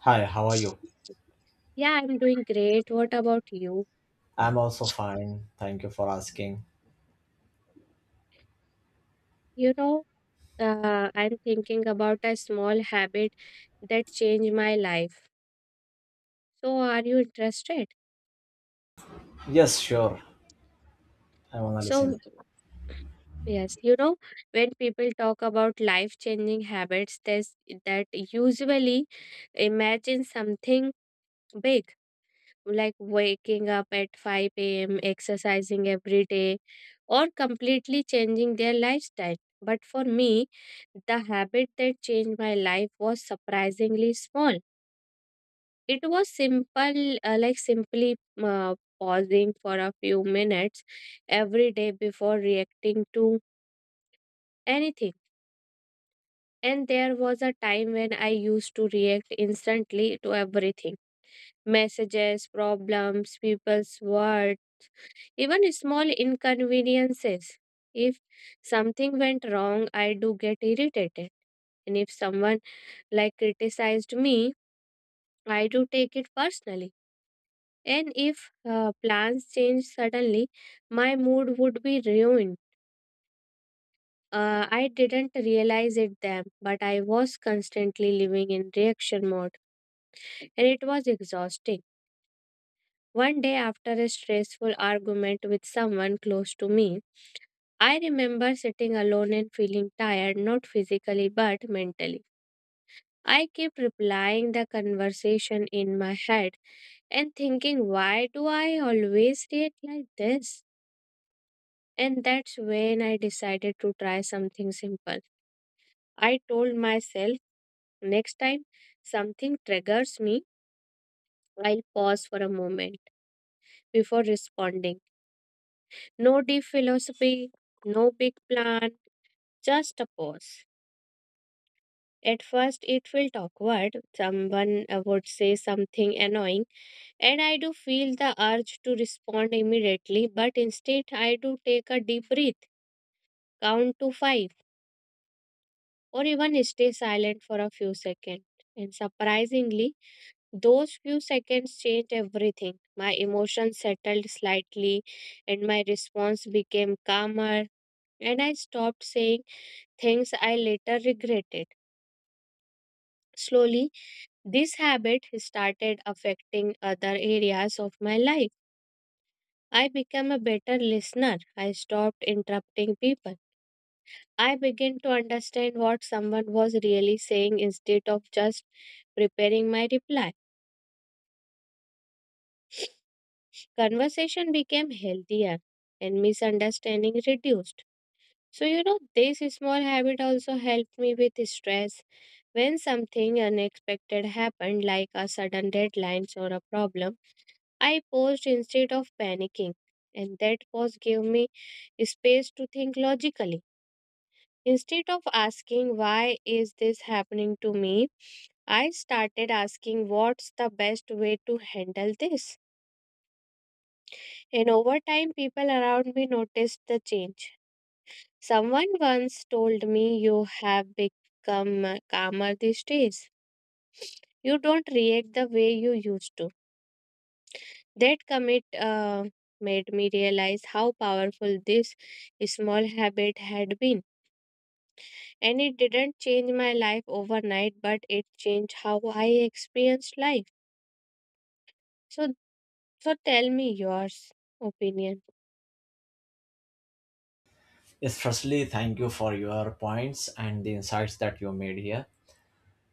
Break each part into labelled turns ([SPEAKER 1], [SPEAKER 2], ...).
[SPEAKER 1] Hi, how are you?
[SPEAKER 2] Yeah, I'm doing great. What about you?
[SPEAKER 1] I'm also fine. Thank you for asking.
[SPEAKER 2] You know, I'm thinking about a small habit that changed my life. So, are you interested?
[SPEAKER 1] Yes, sure. I want to
[SPEAKER 2] So,
[SPEAKER 1] listen.
[SPEAKER 2] yes, when people talk about life-changing habits, there's that usually imagine something big, like waking up at 5 a.m., exercising every day, or completely changing their lifestyle. But for me, the habit that changed my life was surprisingly small. It was simple, like simply uh, pausing for a few minutes every day before reacting to anything. And there was a time when I used to react instantly to everything: messages, problems, people's words. Even small inconveniences. If something went wrong, I do get irritated. And if someone like criticized me, I do take it personally. And if plans change suddenly, my mood would be ruined. I didn't realize it then, but I was constantly living in reaction mode and it was exhausting. One day, after a stressful argument with someone close to me, I remember sitting alone and feeling tired, not physically but mentally. I kept replying the conversation in my head and thinking, why do I always react like this? And that's when I decided to try something simple. I told myself, next time something triggers me, I'll pause for a moment before responding. No deep philosophy, no big plan, just a pause. At first, it felt awkward. Someone would say something annoying, and I do feel the urge to respond immediately, but instead, I do take a deep breath, count to five, or even stay silent for a few seconds. And surprisingly, those few seconds changed everything. My emotions settled slightly, and my response became calmer, and I stopped saying things I later regretted. Slowly, this habit started affecting other areas of my life. I became a better listener. I stopped interrupting people. I began to understand what someone was really saying instead of just preparing my reply. Conversation became healthier and misunderstanding reduced. So, this small habit also helped me with stress. When something unexpected happened, like a sudden deadline or a problem, I paused instead of panicking, and that pause gave me space to think logically. Instead of asking, why is this happening to me? I started asking, what's the best way to handle this? And over time, people around me noticed the change. Someone once told me, you have become calmer these days. You don't react the way you used to. That commit made me realize how powerful this small habit had been. And it didn't change my life overnight, but it changed how I experienced life. So, so, tell me yours opinion.
[SPEAKER 1] Yes, firstly, thank you for your points and the insights that you made here.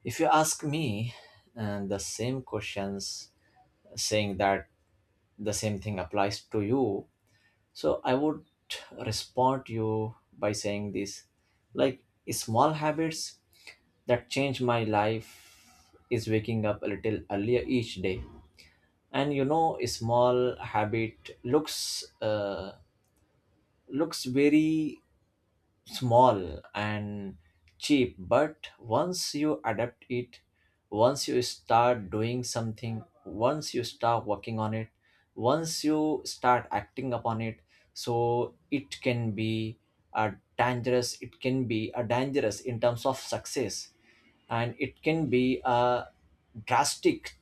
[SPEAKER 1] If you ask me the same questions, saying that the same thing applies to you, so I would respond to you by saying this, like, small habits that change my life is waking up a little earlier each day. And you know, a small habit looks looks very small and cheap, but once you adapt it, once you start doing something, once you start working on it, once you start acting upon it, so it can be a dangerous in terms of success, and it can be a drastic,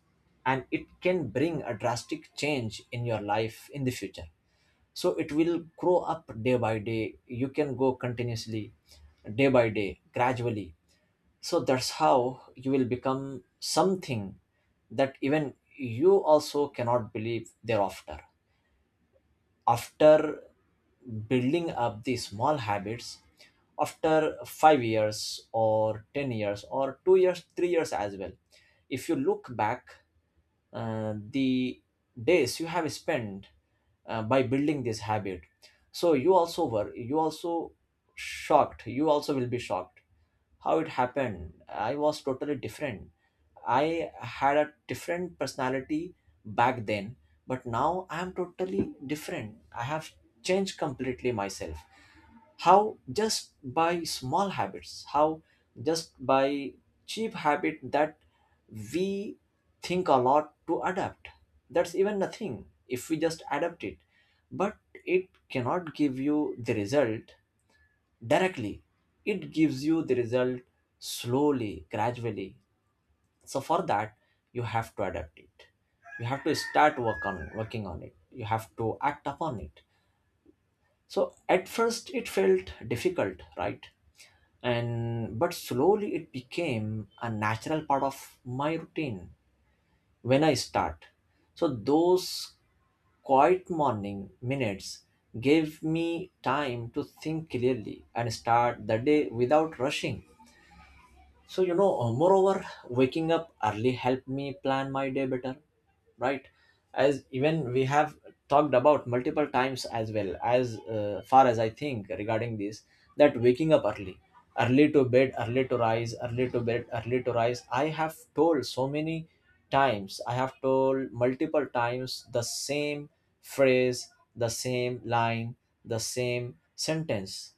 [SPEAKER 1] and it can bring a drastic change in your life in the future. So it will grow up day by day, you can go continuously day by day gradually. So that's how you will become something that even you also cannot believe thereafter, after building up these small habits, after 5 years or 10 years or 2 years 3 years as well. If you look back the days you have spent by building this habit, so you also shocked, you also will be shocked, how it happened. I was totally different, I had a different personality back then, but now I am totally different. I have changed completely myself. How? Just by small habits. How just by cheap habit that we think a lot to adapt, that's even nothing if we just adapt it. But it cannot give you the result directly, it gives you the result slowly, gradually. So for that, you have to adapt it, you have to start working on it, you have to act upon it. So at first it felt difficult, right? And but slowly it became a natural part of my routine when I start. So those quiet morning minutes gave me time to think clearly and start the day without rushing. So, you know, moreover, waking up early helped me plan my day better, right? As even we have talked about multiple times as well, as far as I think regarding this, that waking up early, early to bed, early to rise, early to bed, early to rise. I have told so many times, I have told multiple times the same phrase, the same line, the same sentence,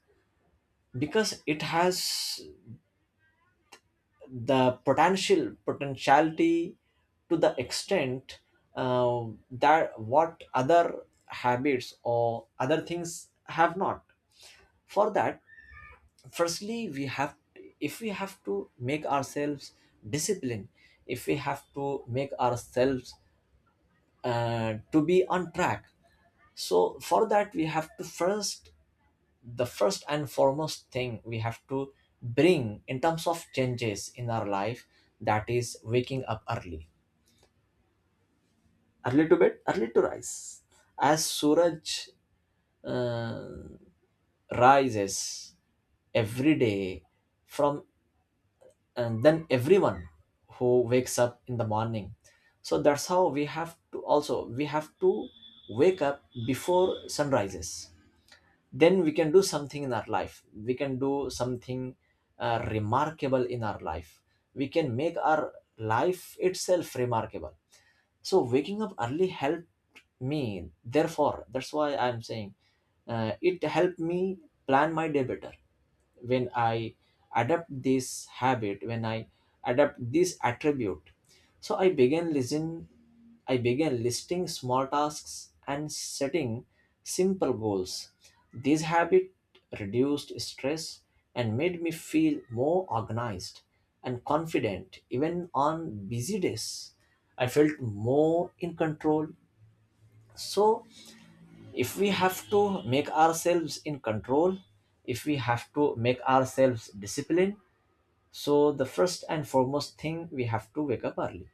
[SPEAKER 1] because it has the potential, potentiality, to the extent uh, that what other habits or other things have not. For that, firstly we have, if we have to make ourselves disciplined, if we have to make ourselves to be on track, so for that we have to first, the first and foremost thing we have to bring in terms of changes in our life, that is waking up early, early to bed, early to rise, as Suraj uh, rises every day from, and then everyone who wakes up in the morning. So that's how we have to, also we have to wake up before sun rises. Then we can do something in our life, we can do something remarkable in our life, we can make our life itself remarkable. So waking up early helped me, therefore that's why I'm saying, it helped me plan my day better. When I adapt this habit, when I adapt this attribute, so I began listen I began listing small tasks and setting simple goals. This habit reduced stress and made me feel more organized and confident. Even on busy days, I felt more in control. So if we have to make ourselves in control, if we have to make ourselves disciplined, so the first and foremost thing, we have to wake up early,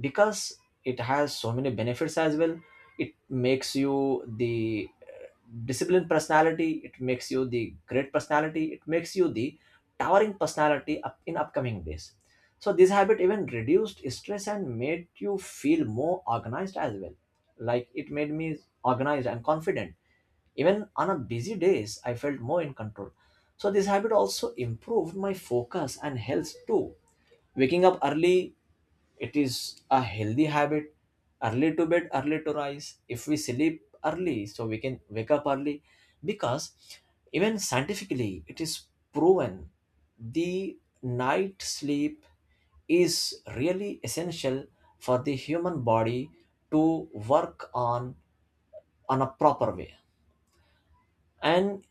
[SPEAKER 1] because it has so many benefits as well. It makes you the disciplined personality, it makes you the great personality, it makes you the towering personality up in upcoming days. So this habit even reduced stress and made you feel more organized as well, like it made me organized and confident. Even on a busy days I felt more in control. So this habit also improved my focus and health too. Waking up early, it is a healthy habit. Early to bed, early to rise. If we sleep early, so we can wake up early. Because even scientifically, it is proven, the night sleep is really essential for the human body to work on a proper way. And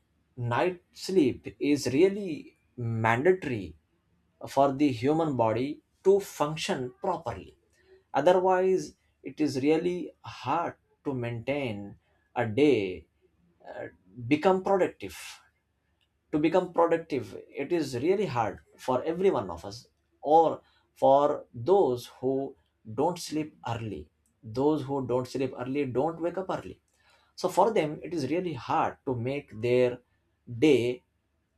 [SPEAKER 1] night sleep is really mandatory for the human body to function properly. Otherwise it is really hard to maintain a day, uh, become productive. To become productive, it is really hard for every one of us, or for those who don't sleep early. Those who don't sleep early don't wake up early. So for them, it is really hard to make their day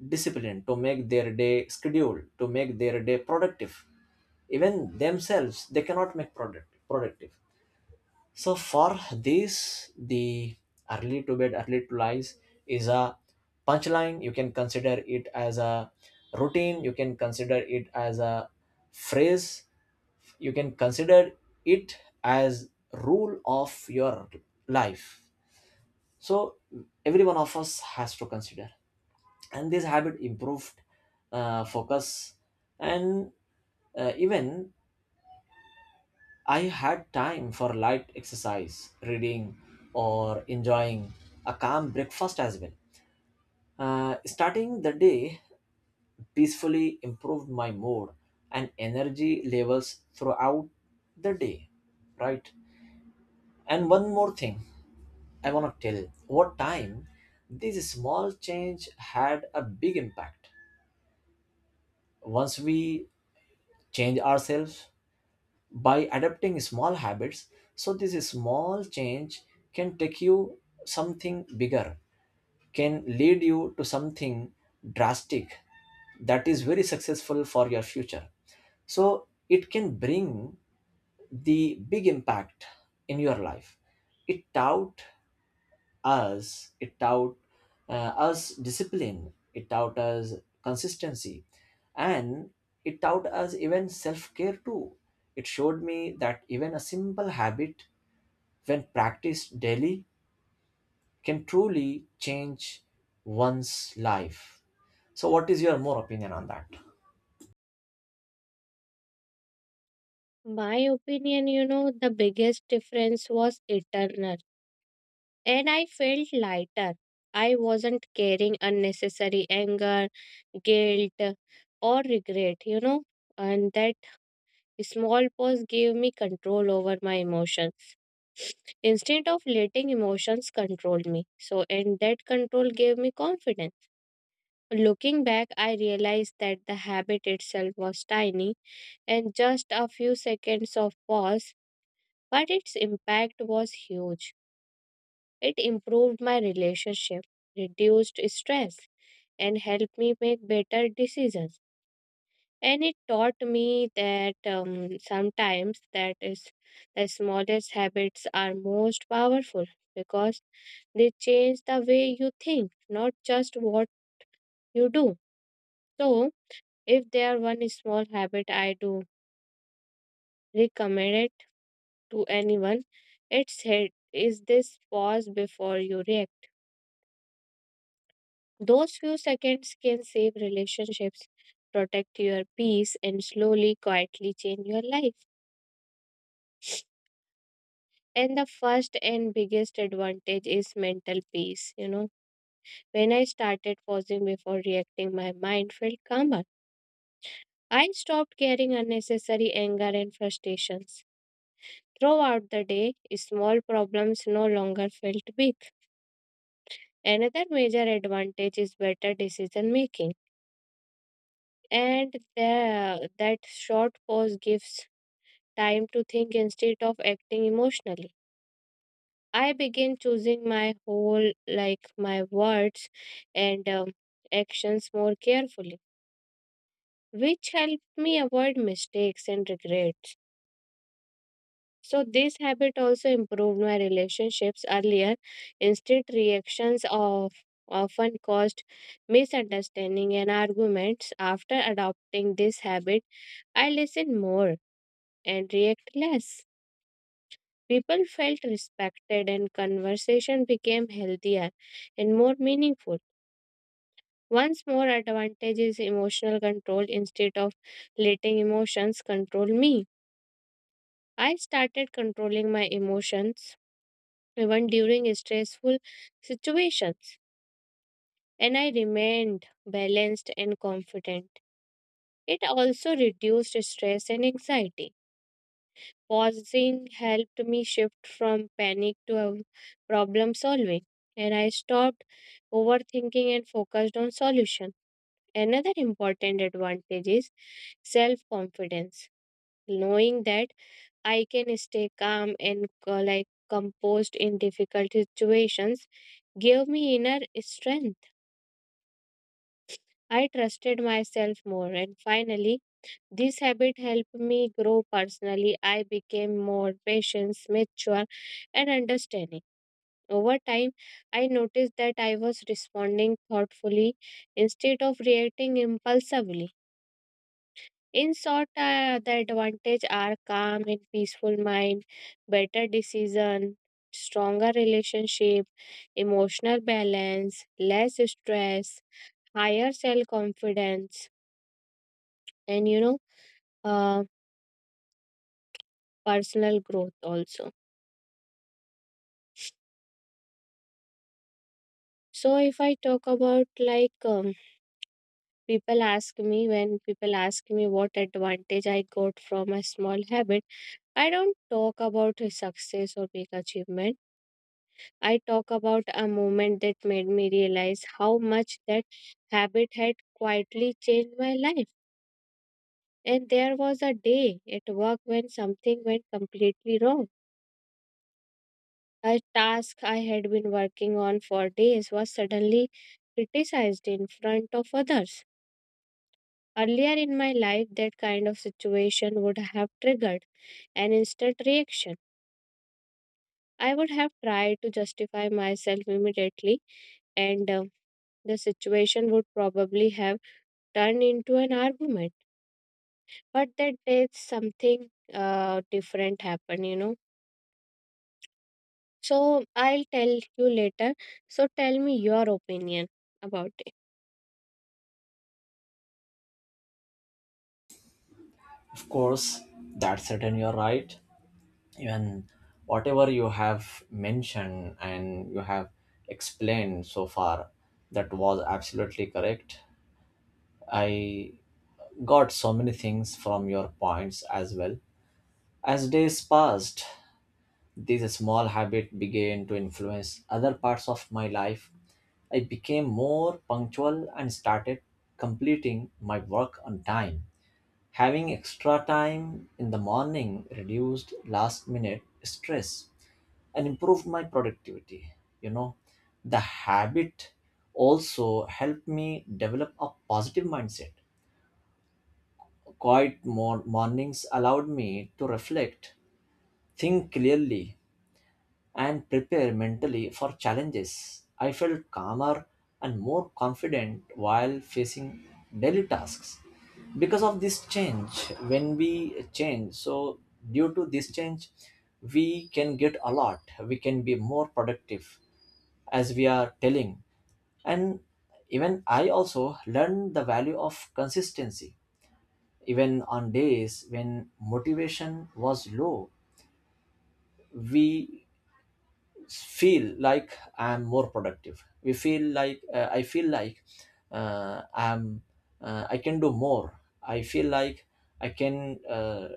[SPEAKER 1] disciplined, to make their day scheduled, to make their day productive. Even themselves, they cannot make productive. So for this, the early to bed, early to lies, is a punchline. You can consider it as a routine. You can consider it as a phrase. You can consider it as rule of your life. So every one of us has to consider. And this habit improved focus, and even I had time for light exercise, reading, or enjoying a calm breakfast as well. Starting the day peacefully improved my mood and energy levels throughout the day, right? And one more thing I want to tell, what time this small change had a big impact. Once we change ourselves by adapting small habits, so this small change can take you something bigger, can lead you to something drastic that is very successful for your future. So it can bring the big impact in your life. It out us it taught us discipline, it taught us consistency, and it taught us even self-care too. It showed me that even a simple habit when practiced daily can truly change one's life. So what is your more opinion on that?
[SPEAKER 2] My opinion, the biggest difference was eternal, and I felt lighter. I wasn't carrying unnecessary anger, guilt, or regret, and that small pause gave me control over my emotions instead of letting emotions control me. So, and that control gave me confidence. Looking back, I realized that the habit itself was tiny and just a few seconds of pause, but its impact was huge. It improved my relationship, reduced stress, and helped me make better decisions. And it taught me that sometimes that is the smallest habits are most powerful, because they change the way you think, not just what you do. So if there are one small habit I do recommend it to anyone, it's head is this: pause before you react. Those few seconds can save relationships, protect your peace, and slowly, quietly change your life. And the first and biggest advantage is mental peace. When I started pausing before reacting, my mind felt calmer. I stopped carrying unnecessary anger and frustrations. Throughout the day, small problems no longer felt big. Another major advantage is better decision making. And that short pause gives time to think instead of acting emotionally. I begin choosing like my words and actions more carefully, which helped me avoid mistakes and regrets. So, this habit also improved my relationships earlier. Instant reactions of often caused misunderstanding and arguments. After adopting this habit, I listen more and react less. People felt respected, and conversation became healthier and more meaningful. One's more advantage is emotional control instead of letting emotions control me. I started controlling my emotions even during stressful situations, and I remained balanced and confident. It also reduced stress and anxiety. Pausing helped me shift from panic to problem solving, and I stopped overthinking and focused on solutions. Another important advantage is self confidence, knowing that I can stay calm and like composed in difficult situations gave me inner strength. I trusted myself more, and finally, this habit helped me grow personally. I became more patient, mature, and understanding. Over time, I noticed that I was responding thoughtfully instead of reacting impulsively. In short, the advantage are calm and peaceful mind, better decision, stronger relationship, emotional balance, less stress, higher self confidence, and uh, personal growth also. So if I talk about like people ask me when people ask me what advantage I got from a small habit, I don't talk about a success or big achievement. I talk about a moment that made me realize how much that habit had quietly changed my life. And there was a day at work when something went completely wrong. A task I had been working on for days was suddenly criticized in front of others. Earlier in my life, that kind of situation would have triggered an instant reaction. I would have tried to justify myself immediately and the situation would probably have turn into an argument. But that day something different happened. So I'll tell you later. So tell me your opinion about it.
[SPEAKER 1] Of course, that's certain, you're right. Even whatever you have mentioned and you have explained so far, that was absolutely correct. I got so many things from your points as well. As days passed, this small habit began to influence other parts of my life. I became more punctual and started completing my work on time. Having extra time in the morning reduced last minute stress and improved my productivity. You know, the habit also helped me develop a positive mindset. Quiet mornings allowed me to reflect, think clearly, and prepare mentally for challenges. I felt calmer and more confident while facing daily tasks. Because of this change, when we change, so due to this change, we can get a lot, we can be more productive, as we are telling. And even I also learned the value of consistency, even on days when motivation was low. We feel like I'm more productive, we feel like, I feel like I'm, I can do more. I feel like I can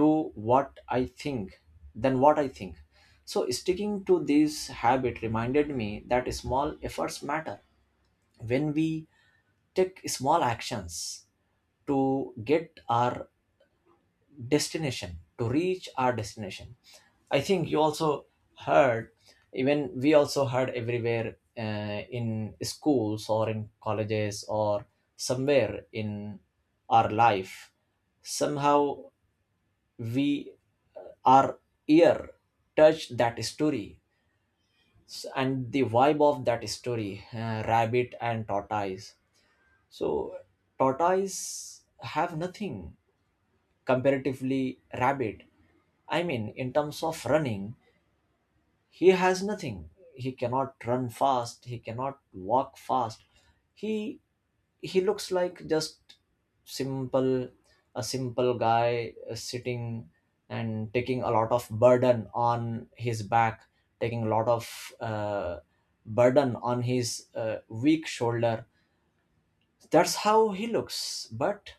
[SPEAKER 1] do what I think, than what I think. So sticking to this habit reminded me that small efforts matter. When we take small actions to get our destination, to reach our destination, I think you also heard, even we also heard everywhere, in schools or in colleges or somewhere in our life, somehow we, our ear touched that story, and the vibe of that story, rabbit and tortoise. So tortoise have nothing comparatively rabbit. I mean, in terms of running, he has nothing. He cannot run fast. He cannot walk fast. He he looks like just simple, a simple guy sitting and taking a lot of burden on his back, taking a lot of burden on his weak shoulder. That's how he looks. But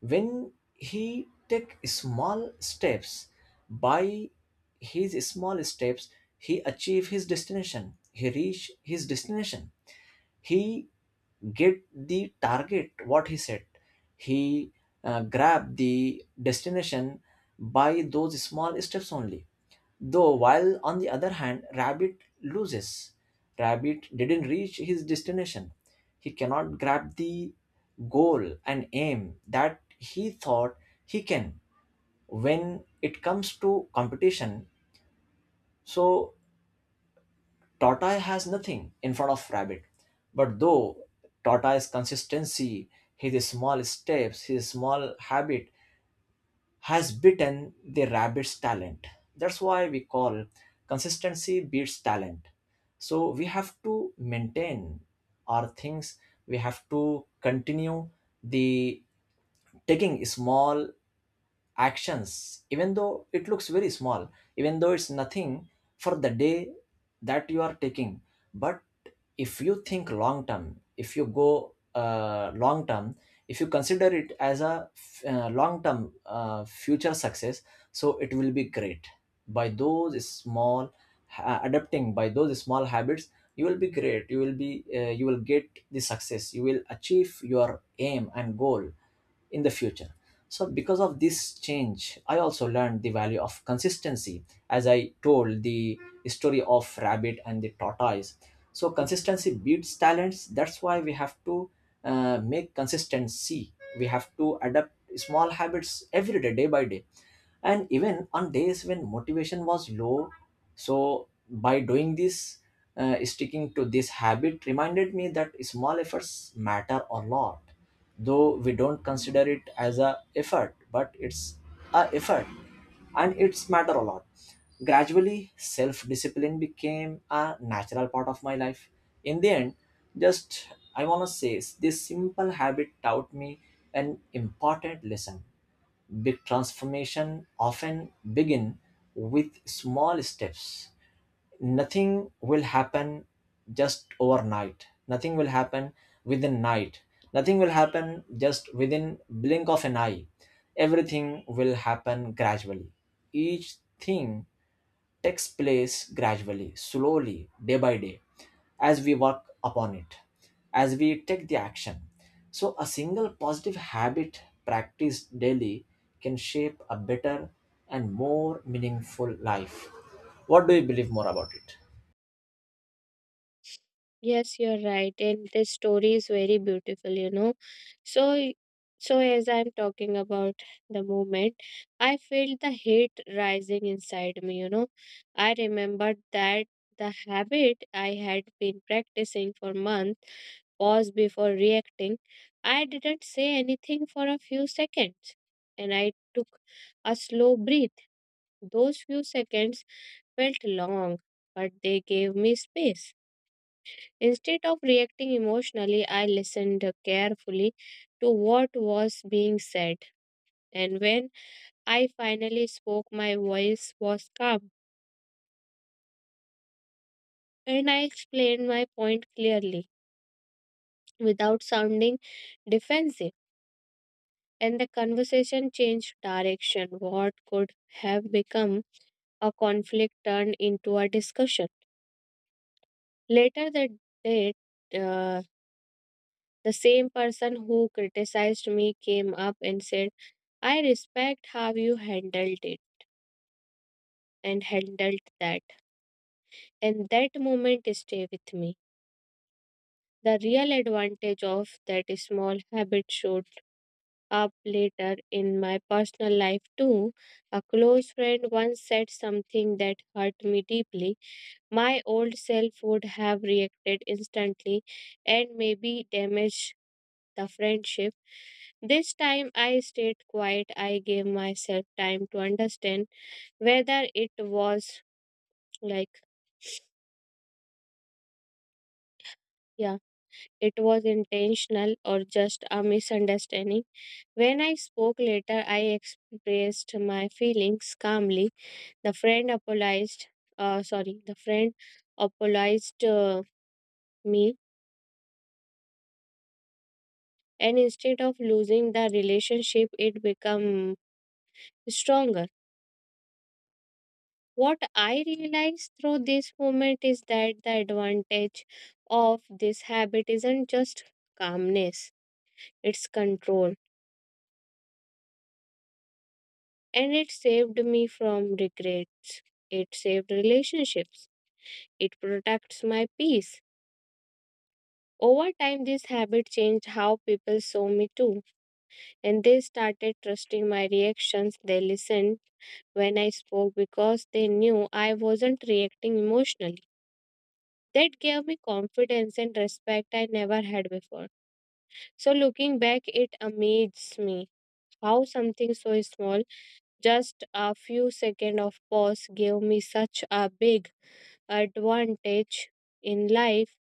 [SPEAKER 1] when he take small steps, by his small steps, he achieve his destination, he reach his destination, he get the target what he set, he grab the destination by those small steps only. Though, while on the other hand, rabbit loses. Rabbit didn't reach his destination. He cannot grab the goal and aim that he thought he can. When it comes to competition, so tortoise has nothing in front of rabbit. But though tortoise's consistency, his small steps, his small habit, has beaten the rabbit's talent. That's why we call consistency beats talent. So we have to maintain our things. We have to continue the taking small actions, even though it looks very small, even though it's nothing for the day that you are taking. But if you think long term, if you go long term, if you consider it as a long term future success, so it will be great. By those small adapting by those small habits, you will be great, you will be you will get the success, you will achieve your aim and goal in the future. So, because of this change, I also learned the value of consistency, as I told the story of rabbit and the tortoise. So, consistency beats talents. That's why we have to make consistency. We have to adapt small habits every day, day by day. And even on days when motivation was low, so by doing this, sticking to this habit reminded me that small efforts matter a lot. Though we don't consider it as a effort, but it's a effort, and it's matter a lot. Gradually, self discipline became a natural part of my life. In the end, just, I want to say this simple habit taught me an important lesson. Big transformation often begin with small steps. Nothing will happen just overnight. Nothing will happen within night. Nothing will happen just within blink of an eye. Everything will happen gradually. Each thing takes place gradually, slowly, day by day, as we work upon it, as we take the action. So, a single positive habit practiced daily can shape a better and more meaningful life. What do you believe more about it?
[SPEAKER 2] Yes, you're right. And this story is very beautiful. So, y- so, as I'm talking about the moment, I felt the heat rising inside me. I remembered that the habit I had been practicing for months pause before reacting. I didn't say anything for a few seconds, and I took a slow breath. Those few seconds felt long, but they gave me space. Instead of reacting emotionally, I listened carefully to what was being said. And when I finally spoke, my voice was calm and I explained my point clearly without sounding defensive. And the conversation changed direction. What could have become a conflict turned into a discussion. Later that day, uh, the same person who criticized me came up and said, I respect how you handled it and handled that. And that moment stay with me. The real advantage of that small habit showed up later in my personal life too. A close friend once said something that hurt me deeply. My old self would have reacted instantly and maybe damaged the friendship. This time I stayed quiet. I gave myself time to understand whether it was like, yeah, it was intentional or just a misunderstanding. When I spoke later, I expressed my feelings calmly. The friend apologized, sorry, the friend apologized me, and instead of losing the relationship, it became stronger. What I realized through this moment is that the advantage of this habit isn't just calmness, it's control, and it saved me from regret. It saved relationships. It protects my peace. Over time, this habit changed how people saw me too, and they started trusting my reactions. They listened when I spoke because they knew I wasn't reacting emotionally. That gave me confidence and respect I never had before. So, looking back, it amazes me how something so small, just a few seconds of pause, gave me such a big advantage in life.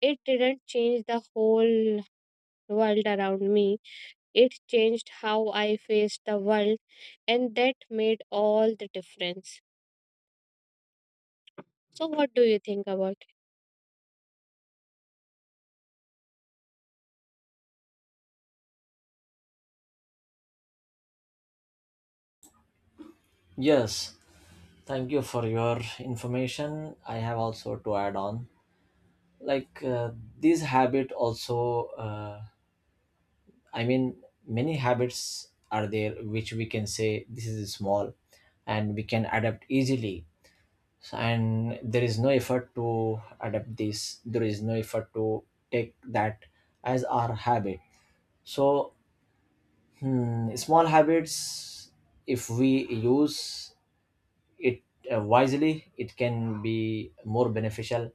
[SPEAKER 2] It didn't change the whole world around me. It changed how I faced the world, and that made all the difference. So, what do you think about it?
[SPEAKER 1] Yes, thank you for your information. I have also to add on. Like this habit, also, I mean, many habits are there which we can say this is small, and we can adapt easily, and there is no effort to adapt this, there is no effort to take that as our habit. So, small habits, if we use it wisely, it can be more beneficial.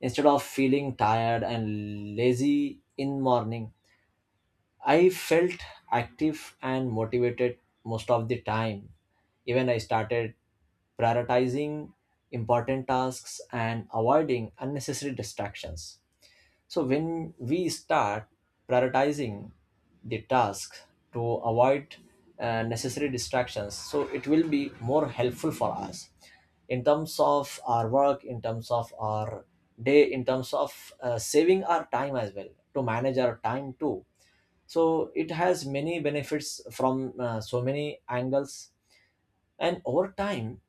[SPEAKER 1] Instead of feeling tired and lazy in morning, I felt active and motivated most of the time. Even I started prioritizing important tasks and avoiding unnecessary distractions. So, when we start prioritizing the tasks to avoid necessary distractions, so it will be more helpful for us in terms of our work, in terms of our day, in terms of saving our time as well, to manage our time too. So it has many benefits from so many angles. And over time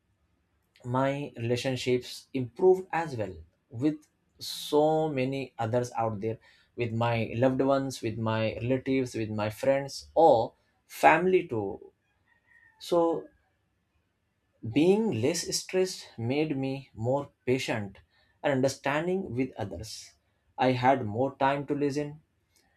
[SPEAKER 1] my relationships improved as well, with so many others out there, with my loved ones, with my relatives, with my friends or family too. So being less stressed made me more patient and understanding with others. I had more time to listen,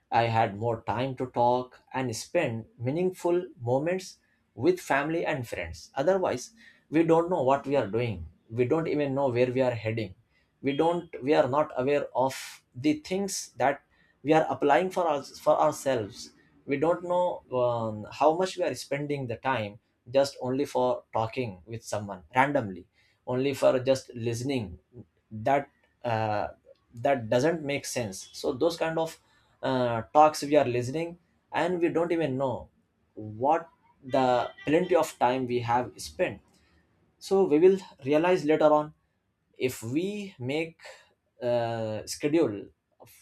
[SPEAKER 1] I had more time to talk and spend meaningful moments with family and friends. Otherwise, we don't know what we are doing. We don't even know where we are heading. We are not aware of the things that we are applying for us, for ourselves. We don't know how much we are spending the time just only for talking with someone randomly, only for just listening. That, uh, that doesn't make sense. So those kind of talks we are listening, and we don't even know what the plenty of time we have spent. So we will realize later on, if we make schedule of,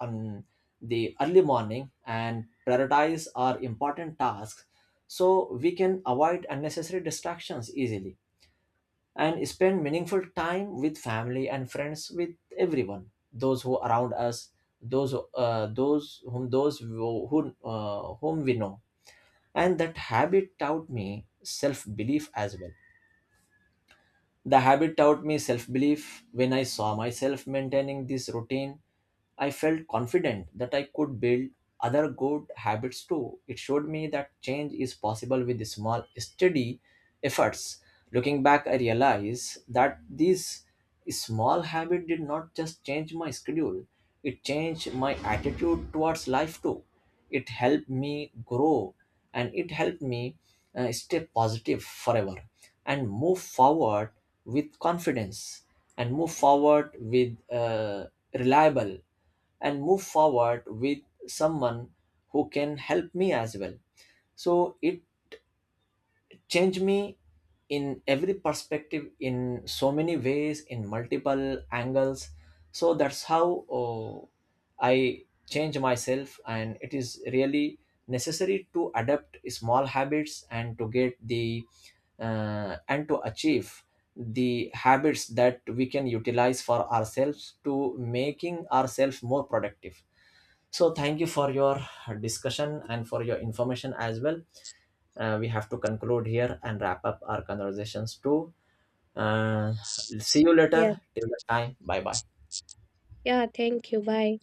[SPEAKER 1] on the early morning, and prioritize our important tasks, so we can avoid unnecessary distractions easily and spend meaningful time with family and friends, with everyone those who around us, those whom, those who whom we know. And that habit taught me self belief as well. The habit taught me self belief. When I saw myself maintaining this routine, I felt confident that I could build other good habits too. It showed me that change is possible with small, steady efforts. Looking back, I realized that this small habit did not just change my schedule, it changed my attitude towards life too. It helped me grow, and it helped me stay positive forever, and move forward with confidence, and move forward with reliable, and move forward with someone who can help me as well. So it changed me in every perspective, in so many ways, in multiple angles. So that's how, oh, I change myself. And it is really necessary to adapt small habits, and to get the and to achieve the habits that we can utilize for ourselves, to making ourselves more productive. So thank you for your discussion and for your information as well. We have to conclude here and wrap up our conversations too. Uh, See you later.
[SPEAKER 2] Yeah.
[SPEAKER 1] Till the time. Bye bye.
[SPEAKER 2] Yeah, thank you. Bye.